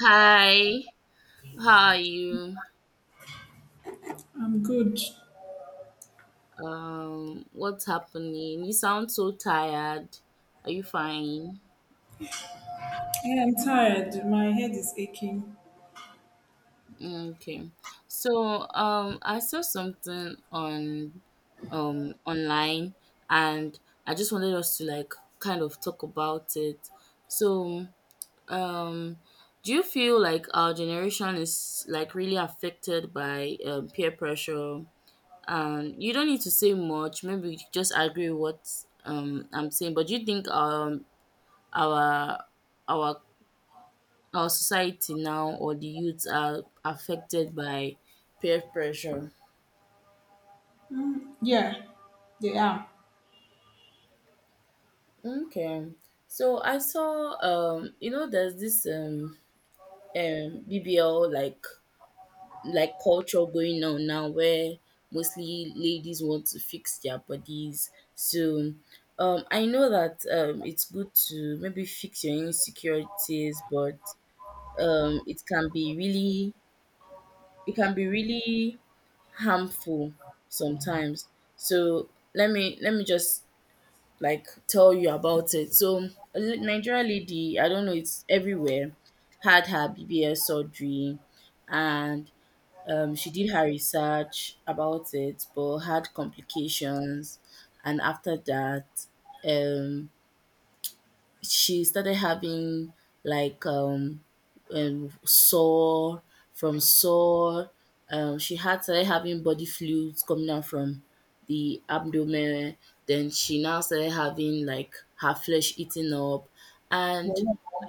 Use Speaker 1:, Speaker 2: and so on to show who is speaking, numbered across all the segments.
Speaker 1: Hi, how are you?
Speaker 2: I'm good.
Speaker 1: What's happening? You sound so tired. Are you fine?
Speaker 2: I am tired. My head is aching.
Speaker 1: Mm, okay. So, I saw something online, and I just wanted us to like kind of talk about it. So, um, do you feel like our generation is like really affected by peer pressure? You don't need to say much, maybe you just agree with what I'm saying, but do you think our our our society now or the youth are affected by peer pressure?
Speaker 2: Mm, yeah, they are.
Speaker 1: Okay, so I saw there's this BBL, like culture going on now where mostly ladies want to fix their bodies. So I know that it's good to maybe fix your insecurities, but um, it can be really it can be really harmful sometimes. So let me just like tell you about it. So Nigerian lady, I don't know, it's everywhere, had her BBS surgery, and she did her research about it, but had complications. And after that, um, she started having like um, sore from sore. She had started having body fluids coming out from the abdomen. Then she now started having like her flesh eating up, and
Speaker 2: Mm-hmm.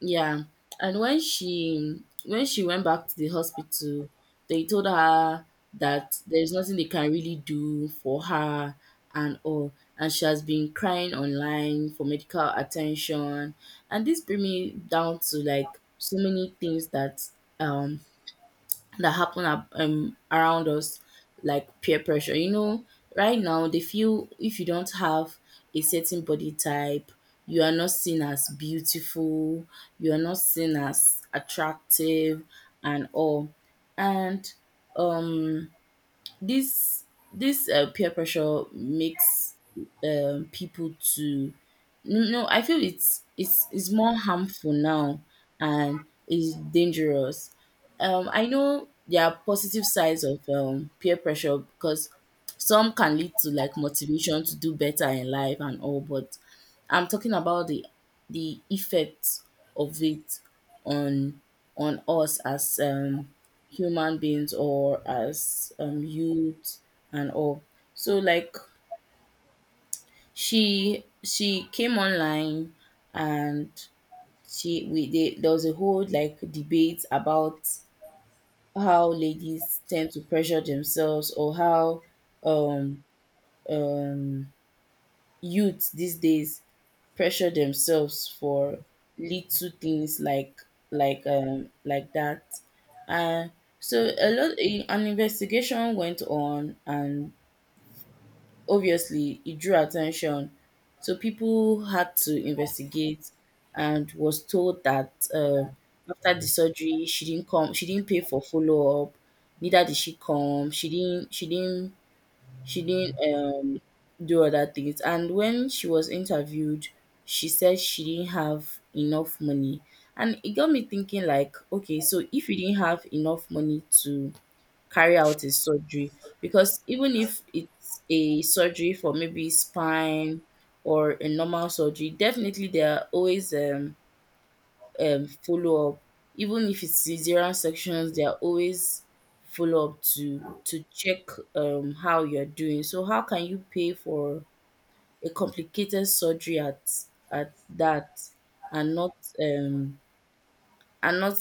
Speaker 1: yeah, and when she went back to the hospital, they told her that there's nothing they can really do for her and all, and she has been crying online for medical attention, and this bring me down to like so many things that um happen around us, like peer pressure. Right now they feel if you don't have a certain body type, you are not seen as beautiful, you are not seen as attractive, and all. And um, this this peer pressure makes people to no, no, I feel it's more harmful now and is dangerous. I know there are positive sides of peer pressure because some can lead to like motivation to do better in life and all, but I'm talking about the effects of it on us as human beings or as youth and all. So like she came online, and there was a whole like debate about how ladies tend to pressure themselves, or how um um youth these days pressure themselves for little things like that, and so a lot an investigation went on, and obviously, it drew attention, so people had to investigate, and was told that after the surgery she didn't pay for follow-up, neither did she come she didn't she didn't she didn't do other things. And when she was interviewed, she said she didn't have enough money, and it got me thinking, like, okay, so if you didn't have enough money to carry out a surgery, because even if it's a surgery for maybe spine or a normal surgery, definitely there are always follow up. Even if it's cesarean sections, there are always follow up to check how you're doing. So how can you pay for a complicated surgery at that and not um and not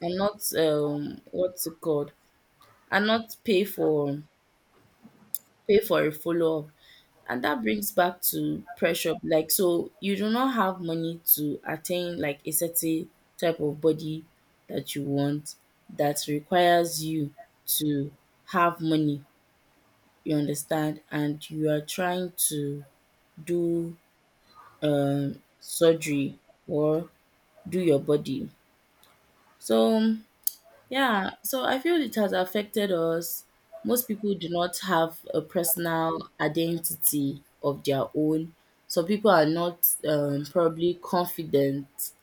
Speaker 1: what's it called and not pay for a follow-up? And that brings back to pressure. Like, so you do not have money to attain like a certain type of body that you want, that requires you to have money, you understand? And you are trying to do surgery or do your body. So yeah, so I feel it has affected us. Most people do not have a personal identity of their own. Some people are not probably confident.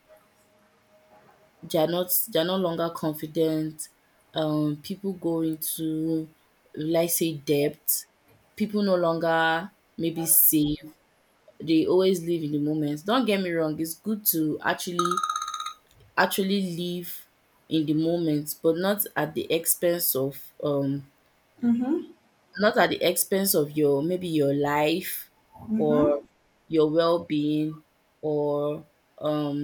Speaker 1: They are not. They are no longer confident. People go into, let's say, debt. People no longer maybe save. They always live in the moment. Don't get me wrong. It's good to actually live in the moment, but not at the expense of Not at the expense of your life or
Speaker 2: Mm-hmm.
Speaker 1: your well-being or um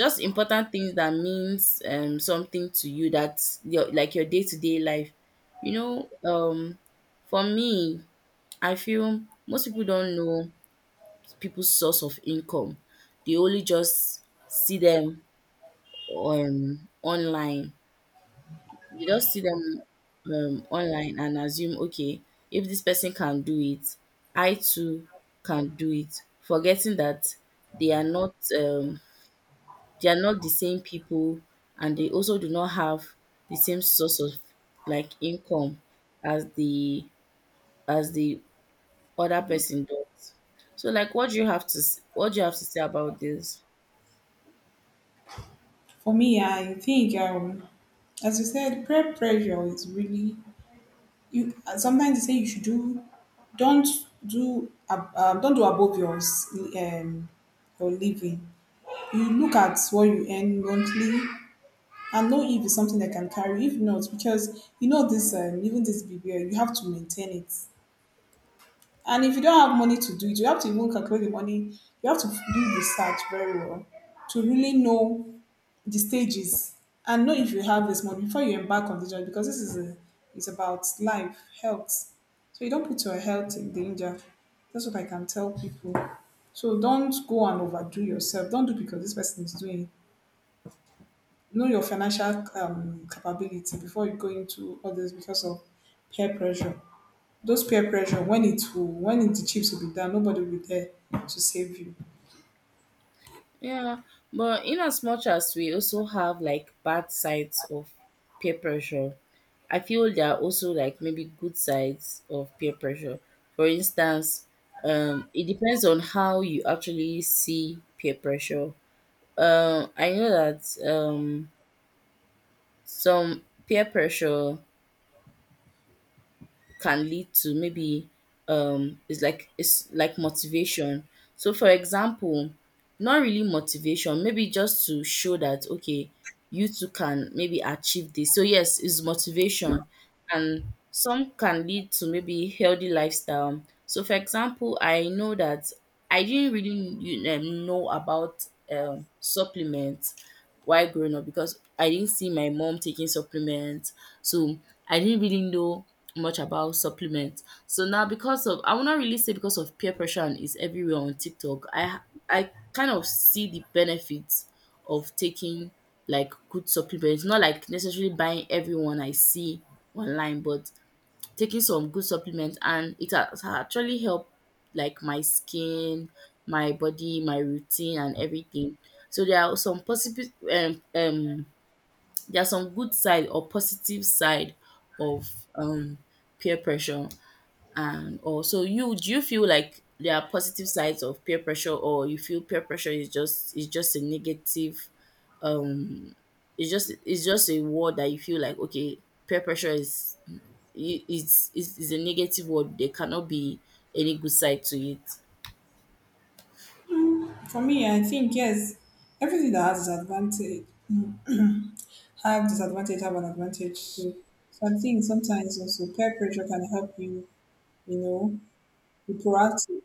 Speaker 1: just important things that means something to you, that your like your day-to-day life. You know, um for me, I feel most people don't know people's source of income. They only just see them on online, they just see them online and assume, okay, if this person can do it, I too can do it, forgetting that they are not um, they are not the same people, and they also do not have the same source of like income as the as the other person does. So, like, what do you have to say about this?
Speaker 2: For me, I think, as you said, peer pressure is really you. Sometimes they say you should do, don't do, don't do above your living. You look at what you earn monthly and know if it's something that can carry. If not, because you know this, even this BBL, you have to maintain it. And if you don't have money to do it, you have to even calculate the money. You have to do research very well to really know the stages and know if you have this money before you embark on the journey because it's about life, health. So you don't put your health in danger. That's what I can tell people. So don't go and overdo yourself. Don't do because this person is doing. Know your financial capability before you go into others because of peer pressure, those peer pressure when it, the chips will be down, nobody will be there to save you.
Speaker 1: Yeah, but in as much as we also have like bad sides of peer pressure, I feel there are also like maybe good sides of peer pressure. For instance, it depends on how you actually see peer pressure. I know that um, some peer pressure can lead to maybe it's like motivation. So for example, not really motivation, maybe just to show that okay, you too can maybe achieve this, so yes, it's motivation. And some can lead to maybe healthy lifestyle. So for example, I know that I didn't really know about supplements while growing up because I didn't see my mom taking supplements. So I didn't really know much about supplements. So now because of, I will not really say because of peer pressure, and it's everywhere on TikTok. I kind of see the benefits of taking like good supplements, not like necessarily buying everyone I see online, but taking some good supplements, and it has actually helped like my skin, my body, my routine and everything. So there are some possible um, um there are some good side or positive side of peer pressure. And also, you do you feel like there are positive sides of peer pressure, or you feel peer pressure is just a negative, um it's just a word that you feel like, okay, peer pressure is I- it's a negative word. There cannot be any good side to it.
Speaker 2: For me, I think yes, everything that has disadvantage have an advantage. So I think sometimes also peer pressure can help you, you know, be proactive.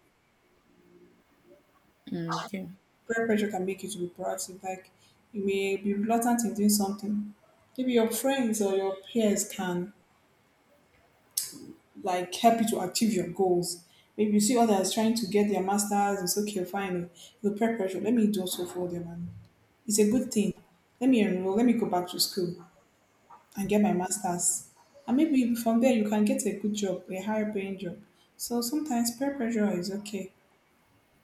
Speaker 1: Mm, okay.
Speaker 2: Peer pressure can make you to be proactive. Like you may be reluctant in doing something, maybe your friends or your peers can like help you to achieve your goals. Maybe you see others trying to get their masters, it's okay, fine. The peer pressure, let me do also for them, and it's a good thing. Let me enroll, let me go back to school and get my masters. And maybe from there you can get a good job, a higher paying job. So sometimes peer pressure is okay.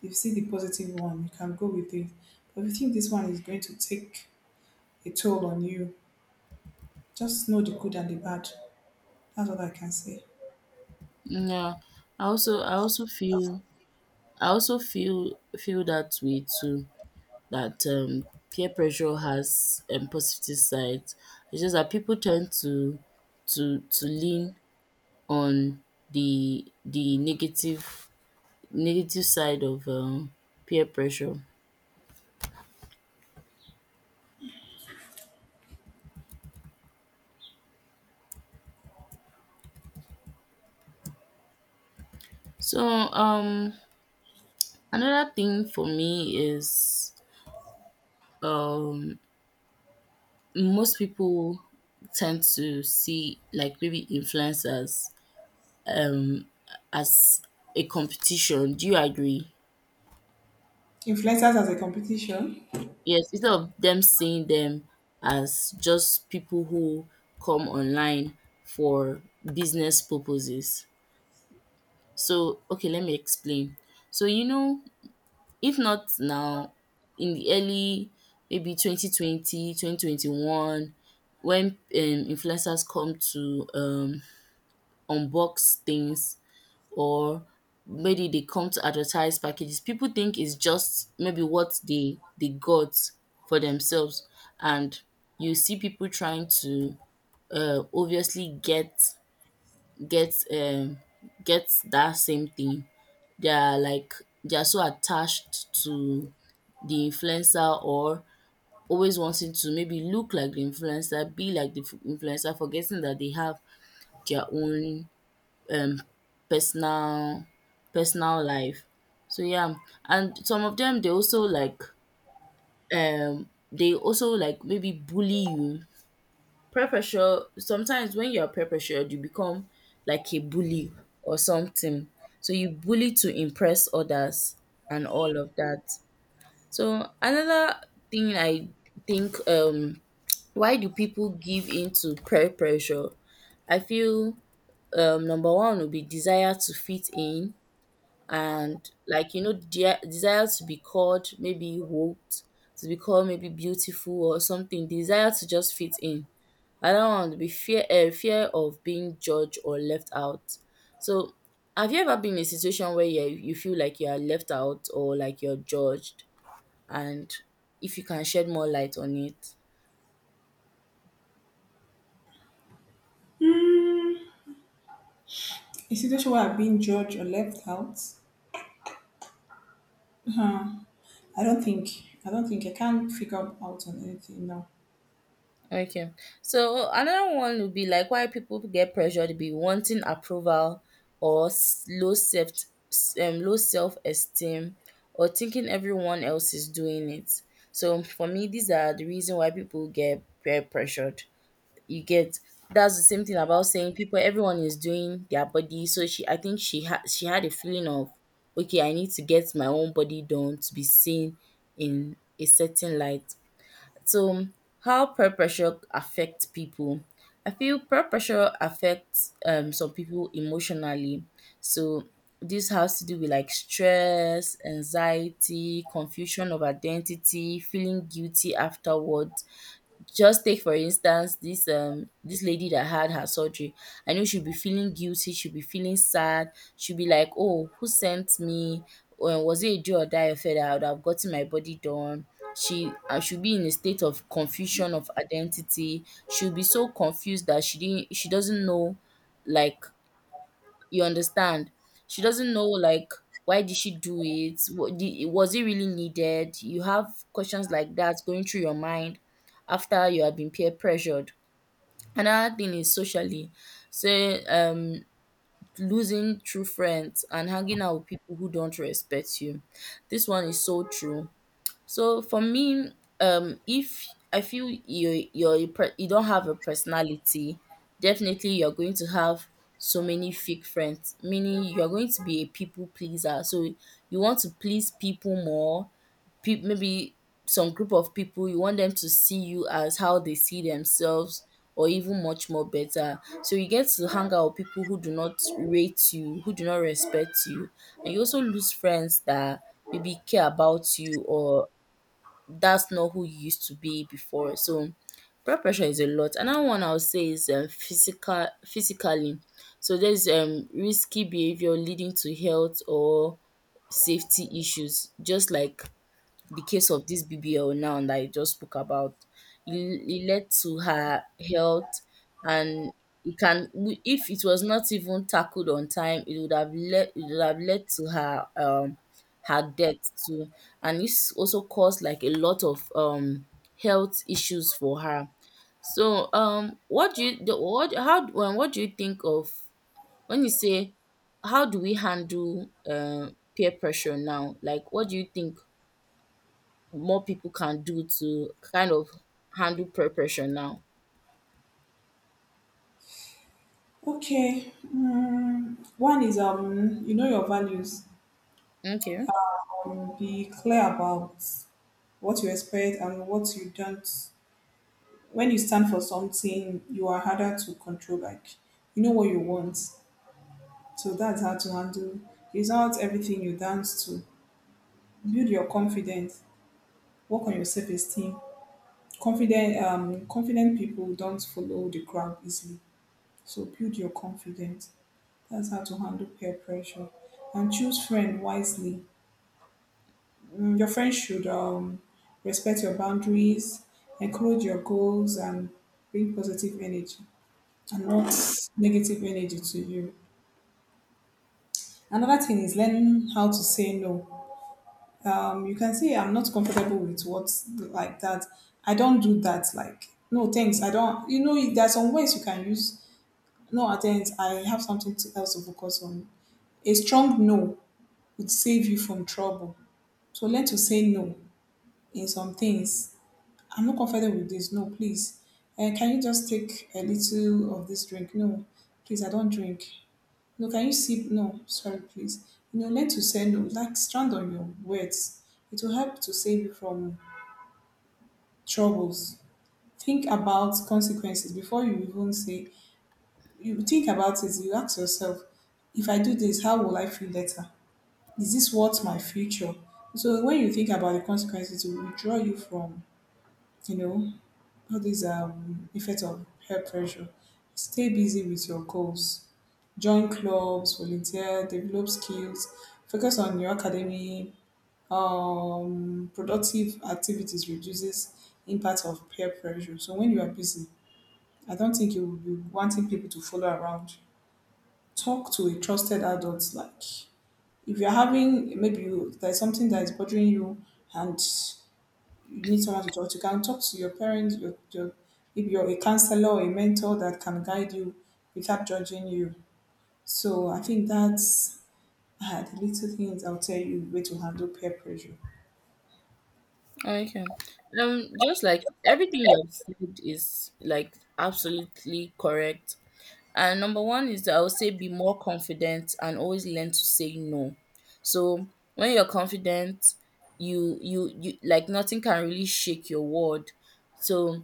Speaker 2: If you see the positive one, you can go with it. But if you think this one is going to take a toll on you, just know the good and the bad. That's what I can say.
Speaker 1: Yeah, I also I also feel I also feel feel that way too. That peer pressure has positive sides. It's just that people tend to lean on the negative side of peer pressure. So another thing for me is um most people tend to see like maybe influencers um, as a competition. Do you agree?
Speaker 2: Influencers as a competition.
Speaker 1: Yes, instead of them seeing them as just people who come online for business purposes. So, okay, let me explain. So, if not now, in the early maybe 2020, 2021, when influencers come to unbox things or maybe they come to advertise packages, people think it's just maybe what they got for themselves. And you see people trying to obviously get um, get that same thing. They are like they are so attached to the influencer, or always wanting to maybe look like the influencer, be like the influencer, forgetting that they have their own um personal personal life. So yeah, and some of them they also like maybe bully you. Peer pressure, sometimes when you are peer pressured, you become like a bully or something. So you bully to impress others and all of that. So another thing I think, why do people give in to peer pressure? I feel number one would be desire to fit in, and desire to be called maybe woke, to be called maybe beautiful or something, desire to just fit in. Another one would be fear of being judged or left out. So have you ever been in a situation where you feel like you are left out or like you're judged? And if you can shed more light on it.
Speaker 2: A situation where I've been judged or left out. I don't think. I don't think. I can't figure out on anything now.
Speaker 1: Okay. So another one would be like, why people get pressured to be wanting approval, or low self, low self esteem, or thinking everyone else is doing it. So for me, these are the reason why people get peer pressured. You get, that's the same thing about saying people, everyone is doing their body. So she, I think she had, she had a feeling of, okay, I need to get my own body done to be seen in a certain light. So how peer pressure affects people. I feel peer pressure affects some people emotionally. So this has to do with like stress, anxiety, confusion of identity, feeling guilty afterward. Just take for instance this this lady that had her surgery. I know she'll be feeling guilty, she'll be feeling sad, she'll be like, oh, who sent me? When was it a do or die affair that I would have gotten my body done? She should be in a state of confusion of identity. She'll be so confused that she doesn't know, like, you understand? She doesn't know, like, why did she do it? What di Was it really needed? You have questions like that going through your mind after you have been peer pressured. Another thing is socially. Say losing true friends and hanging out with people who don't respect you. This one is so true. So for me, if I feel you don't have a personality, definitely you're going to have so many fake friends, meaning you're going to be a people pleaser. So you want to please people more. Maybe some group of people, you want them to see you as how they see themselves, or even much more better. So you get to hang out with people who do not rate you, who do not respect you, and you also lose friends that maybe care about you, or that's not who you used to be before. So peer pressure is a lot. Another one I would say is physically. So there's risky behavior leading to health or safety issues, just like the case of this BBL now that I just spoke about. It led to her health, and if it was not even tackled on time, it would have led to her her death too, and this also caused like a lot of health issues for her. So what do you think of when you say, how do we handle peer pressure now? Like, what do you think more people can do to kind of handle peer pressure now?
Speaker 2: Okay. Mm, one is, you know, your values.
Speaker 1: Okay,
Speaker 2: Be clear about what you expect and what you don't. When you stand for something, you are harder to control. Like, you know what you want, so that's how to handle. It's not everything you dance to. Build your confidence. Work on your self-esteem. Confident people don't follow the crowd easily. So build your confidence. That's how to handle peer pressure. And choose friend wisely. Mm, your friends should, respect your boundaries, encourage your goals, and bring positive energy and not negative energy to you. Another thing is learn how to say no. You can say I'm not comfortable with what's like that. I don't do that. Like no thanks. I don't. You know there are some ways you can use. No thanks. I have something to, else to focus on. A strong no would save you from trouble. So learn to say no in some things. I'm not comfortable with this. No, please. Can you just take a little of this drink? No, please, I don't drink. No, can you sip? No, sorry, please. You know, learn to say no. Like stand on your words. It will help to save you from troubles. Think about consequences before you even say. You think about it. You ask yourself, if I do this, how will I feel later? Is this what my future? So when you think about the consequences, it will withdraw you from, you know, all these effects of peer pressure. Stay busy with your goals. Join clubs, volunteer, develop skills, focus on your academy. Productive activities reduces impact of peer pressure. So when you are busy, I don't think you will be wanting people to follow around. Talk to a trusted adult. Like if you're having, there's something that is bothering you and you need someone to talk to, you can talk to your parents, your if you're a counselor or a mentor that can guide you without judging you. So I think that's, the little things I'll tell you way to handle peer pressure.
Speaker 1: okay. Just like everything you have said is like absolutely correct. And number one is that I would say be more confident and always learn to say no. So when you're confident, you like nothing can really shake your word. So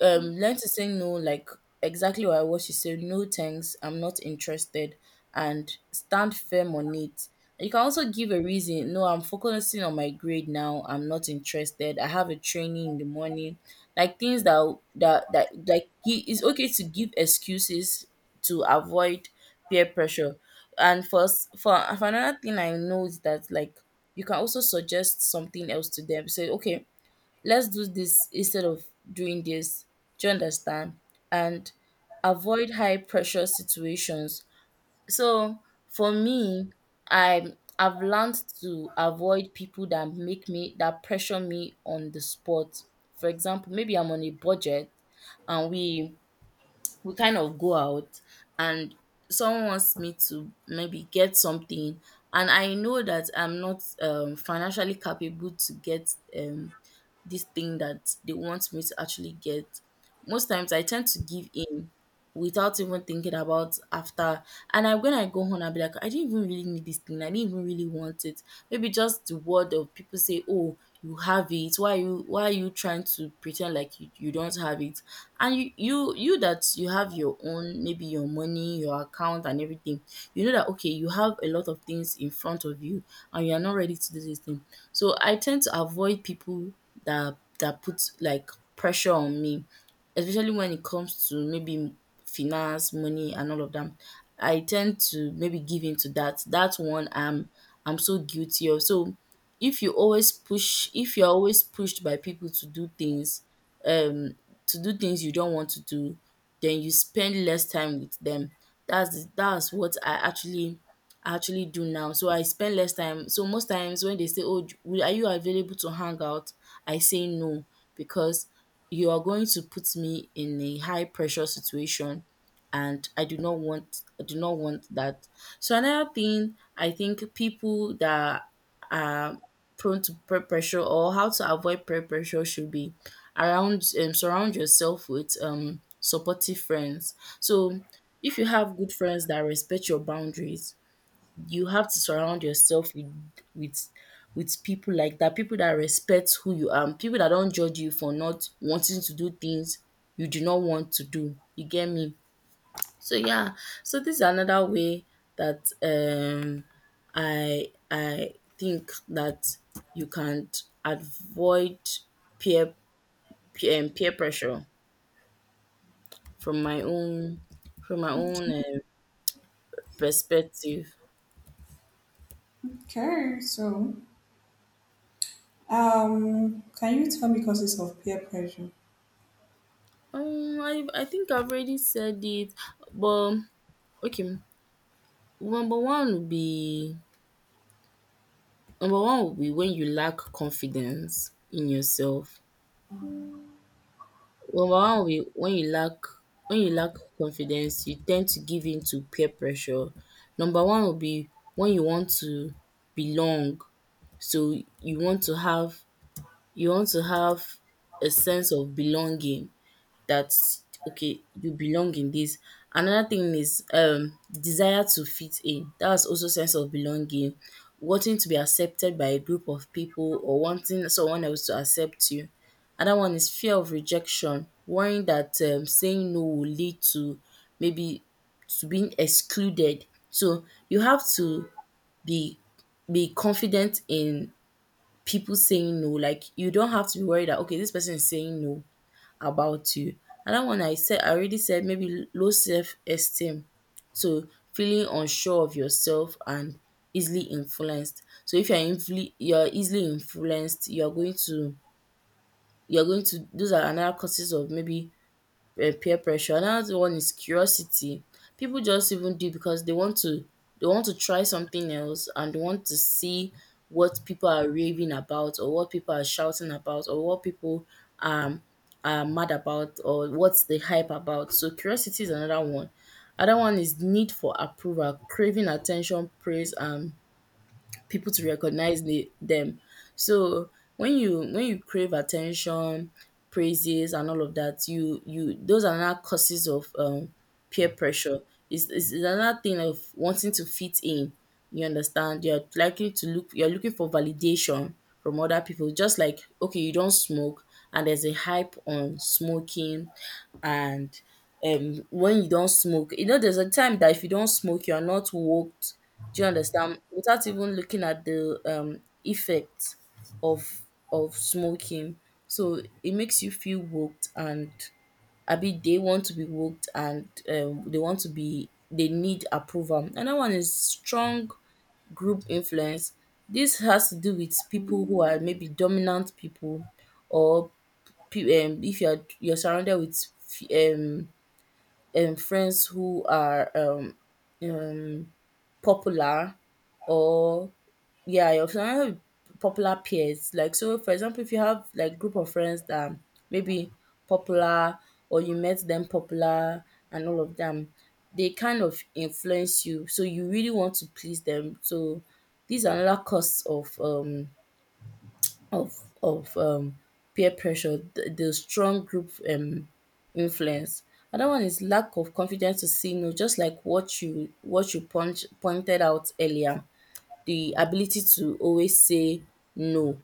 Speaker 1: learn to say no, like exactly what I was you say, no thanks, I'm not interested, and stand firm on it. You can also give a reason: no, I'm focusing on my grade now, I'm not interested, I have a training in the morning, like things that like he it's okay to give excuses to avoid peer pressure. And for another thing I know is that, like, you can also suggest something else to them, say okay, let's do this instead of doing this. Do you understand? And avoid high pressure situations. So for me, I've learned to avoid people that make me that pressure me on the spot. For example, maybe I'm on a budget and we kind of go out, and someone wants me to maybe get something, and I know that I'm not financially capable to get, um, this thing that they want me to actually get. Most times I tend to give in without even thinking about after, and I when I go home, I'll be like, I didn't even really need this thing, I didn't even really want it. Maybe just the word of people, say, oh, you have it, why are you trying to pretend like you don't have it, and you that you have your own, maybe your money, your account and everything. You know that, okay, you have a lot of things in front of you, and you are not ready to do this thing. So I tend to avoid people that put like pressure on me, especially when it comes to maybe finance, money and all of them. I tend to maybe give in to that one. I'm so guilty of. So if you always push, if you're always pushed by people to do things, um to do things you don't want to do, then you spend less time with them. That's what I actually do now. So I spend less time. So most times when they say, "Oh, are you available to hang out?" I say no, because you are going to put me in a high pressure situation, and I do not want, I do not want that. So another thing I think, people that prone to peer pressure or how to avoid peer pressure should be around, surround yourself with supportive friends. So if you have good friends that respect your boundaries, you have to surround yourself with with with people like that, people that respect who you are, people that don't judge you for not wanting to do things you do not want to do. You get me? So yeah, so this is another way that I think that you can avoid peer peer pressure from my own, from my own um, perspective.
Speaker 2: Okay, so, can you tell me causes of peer pressure?
Speaker 1: I think I've already said it, but okay. Number one would be Number one would be when you lack confidence in yourself. Number one way wen you lack confidence, you ten d to give in to peer pressure. Number one will be wen you want to belong. So you want to have you want to have a sense of belonging, that okay, you belong in this. Another thing is desire to fit in, that's also sense of belonging, wanting to be accepted by a group of people, or wanting someone else to accept you. Another one is fear of rejection, worrying that, saying no will lead to maybe to being excluded. So you have to be be confident in people saying no, like you don't have to be worried that okay, this person is saying no about you. Another one I said, I already said, maybe low self esteem. So feeling unsure of yourself and easily influenced. So if you're you're easily influenced, you're going to, those are another causes of maybe peer pressure. Another one is curiosity. People just even do because they want to try something else, and they want to see what people are raving about, or what people are shouting about, or what people um are mad about, or what's the hype about. So curiosity is another one. Another one is need for approval, craving attention, praise and people to recognize them. So when you crave attention, praises and all of that, you, those are not causes of peer pressure. It's another thing of wanting to fit in. You understand? You're looking for validation from other people. Just like, okay, you don't smoke, and there's a hype on smoking, and when you don't smoke, you know, there's a time that if you don't smoke, you are not woked. Do you understand? Without even looking at the effect of smoking. So it makes you feel woked, and abi they want to be woked, and they want to be they need approval. Another one is strong group influence. This has to do with people who are maybe dominant people, or, if you're surrounded with f- um friends who are um, popular, or yeah, you're surrounded popular peers. Like, so for example, if you have like group of friends that are maybe popular, or you met them popular and all of them, they kind of influence you. So you really want to please them. So these are another cause of of of um, peer pressure, the strong group influence. Another one is lack of confidence to say no, just like what you pointed out earlier. The ability to always say no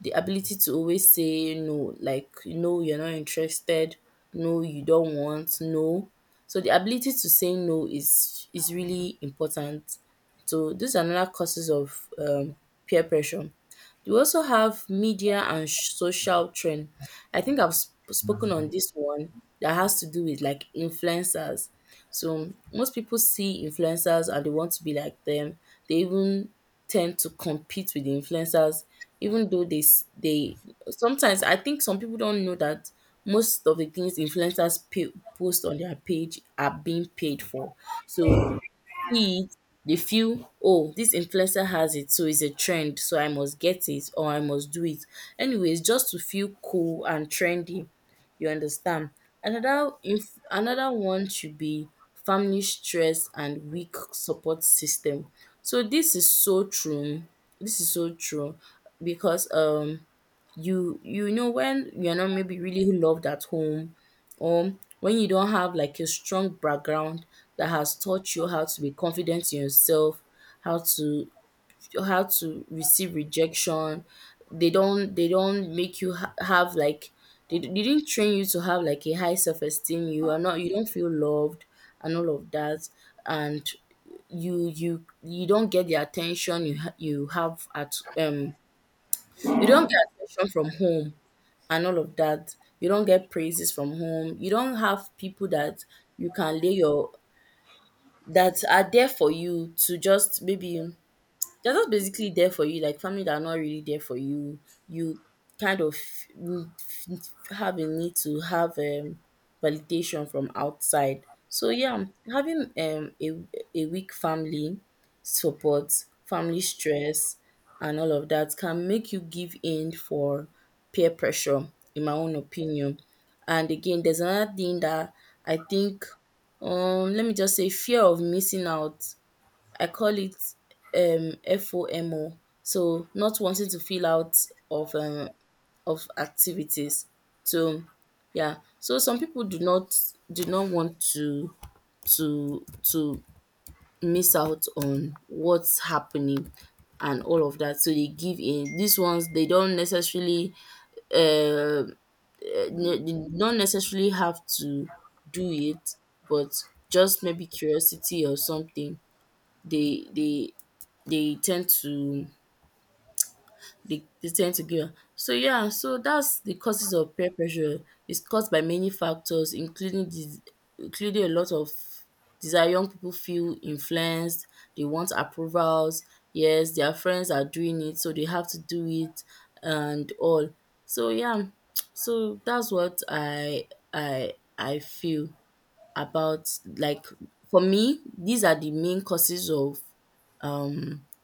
Speaker 1: the ability to always say no, like no, you're not interested, no, you don't want, no. So the ability to say no is really important. So these are another causes of peer pressure. We also have media and social trend. I think I've spoken on this one, that has to do with like influencers. So most people see influencers and they want to be like them. They even tend to compete with the influencers, even though they sometimes, I think some people don't know that most of the things influencers post on their page are being paid for. So see it, they feel, oh, this influencer has it, so it's a trend, so I must get it or I must do it. Anyways, just to feel cool and trendy. You understand? Another one should be family stress and weak support system. So this is so true. This is so true because you know when you're not maybe really loved at home, or when you don't have like a strong background that has taught you how to be confident in yourself, how to how to receive rejection. They don't make you have like, they didn't train you to have like a high self-esteem. You are not, you don't feel loved and all of that. And you don't get the attention you you have at you don't get attention from home and all of that. You don't get praises from home. You don't have people that you can lay your, that are there for you to just maybe, they're just basically there for you, like family that are not really there for you. You kind of need- have a need to have validation from outside. So yeah, having a weak family support, family stress, and all of that can make you give in for peer pressure, in my own opinion. And again, there's another thing that I think, let me just say fear of missing out, I call it FOMO. So not wanting to feel out of um of activities. So yeah. So some people do not do not want to to miss out on what's happening and all of that. So they give in. These ones they don't necessarily uh, they don't necessarily have to do it, but just maybe curiosity or something, they they tend to, they tend to give up. So yeah, so that's the causes of peer pressure. It's caused by many factors, including the including a lot of desire. Young people feel influenced. They want approvals. Yes, their friends are doing it, so they have to do it, and all. So yeah, so that's what I feel about, like, for me. These are the main causes of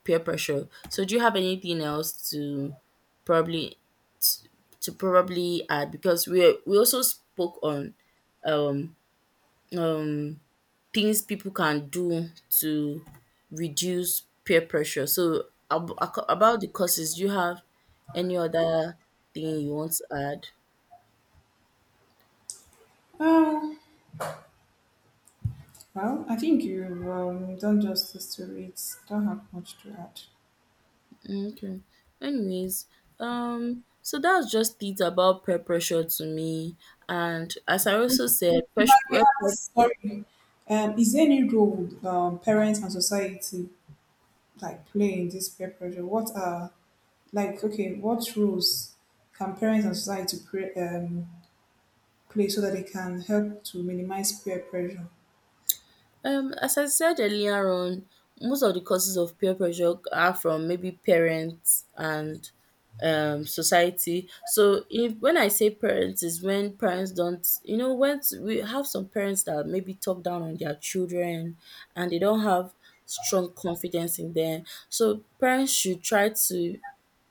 Speaker 1: peer pressure. So do you have anything else to probably, to probably add? Because we also spoke on um, things people can do to reduce peer pressure. So about the causes, do you have any other thing you want to add?
Speaker 2: Oh, well, I think you've, done justice to it. Don't have much to add.
Speaker 1: Okay. Anyways, so that's just it about peer pressure to me. And as I also said,
Speaker 2: If I may
Speaker 1: peer.
Speaker 2: ask, sorry, is there any role, parents and society like play in this peer pressure? What are, like, okay, what roles can parents and society play so that they can help to minimize peer pressure?
Speaker 1: As I said earlier on, most of the causes of peer pressure are from maybe parents and, society. So if, when I say parents, is when parents don't, you know, when we have some parents that maybe talk down on their children and they don't have strong confidence in them. So parents should try to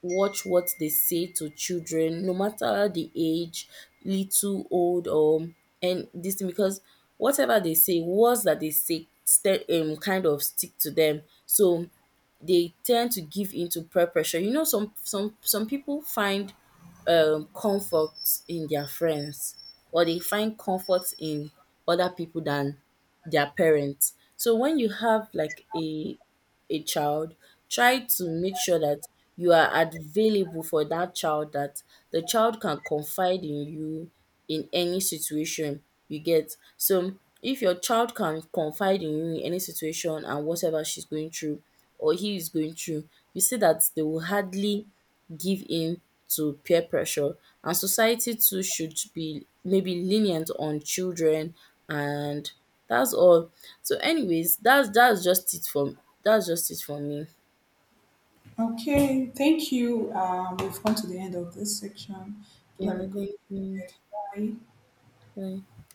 Speaker 1: watch what they say to children, no matter the age, little, old, or, and this thing, because whatever they say, words that they say, kind of stick to them. So they tend to give into peer pressure. You know, some people find comfort in their friends, or they find comfort in other people than their parents. So when you have like a child, try to make sure that you are available for that child, that the child can confide in you in any situation you get. So if your child can confide in you in any situation and whatever she's going through or he is going through, you see that they will hardly give in to peer pressure. And society too should be maybe lenient on children, and that's all. So anyways, that's just it for, that's just it for me.
Speaker 2: Okay, thank you. We've come to the end of this section. Do have a
Speaker 1: Yeah,
Speaker 2: good
Speaker 1: thank you.
Speaker 2: day. Bye.
Speaker 1: Bye.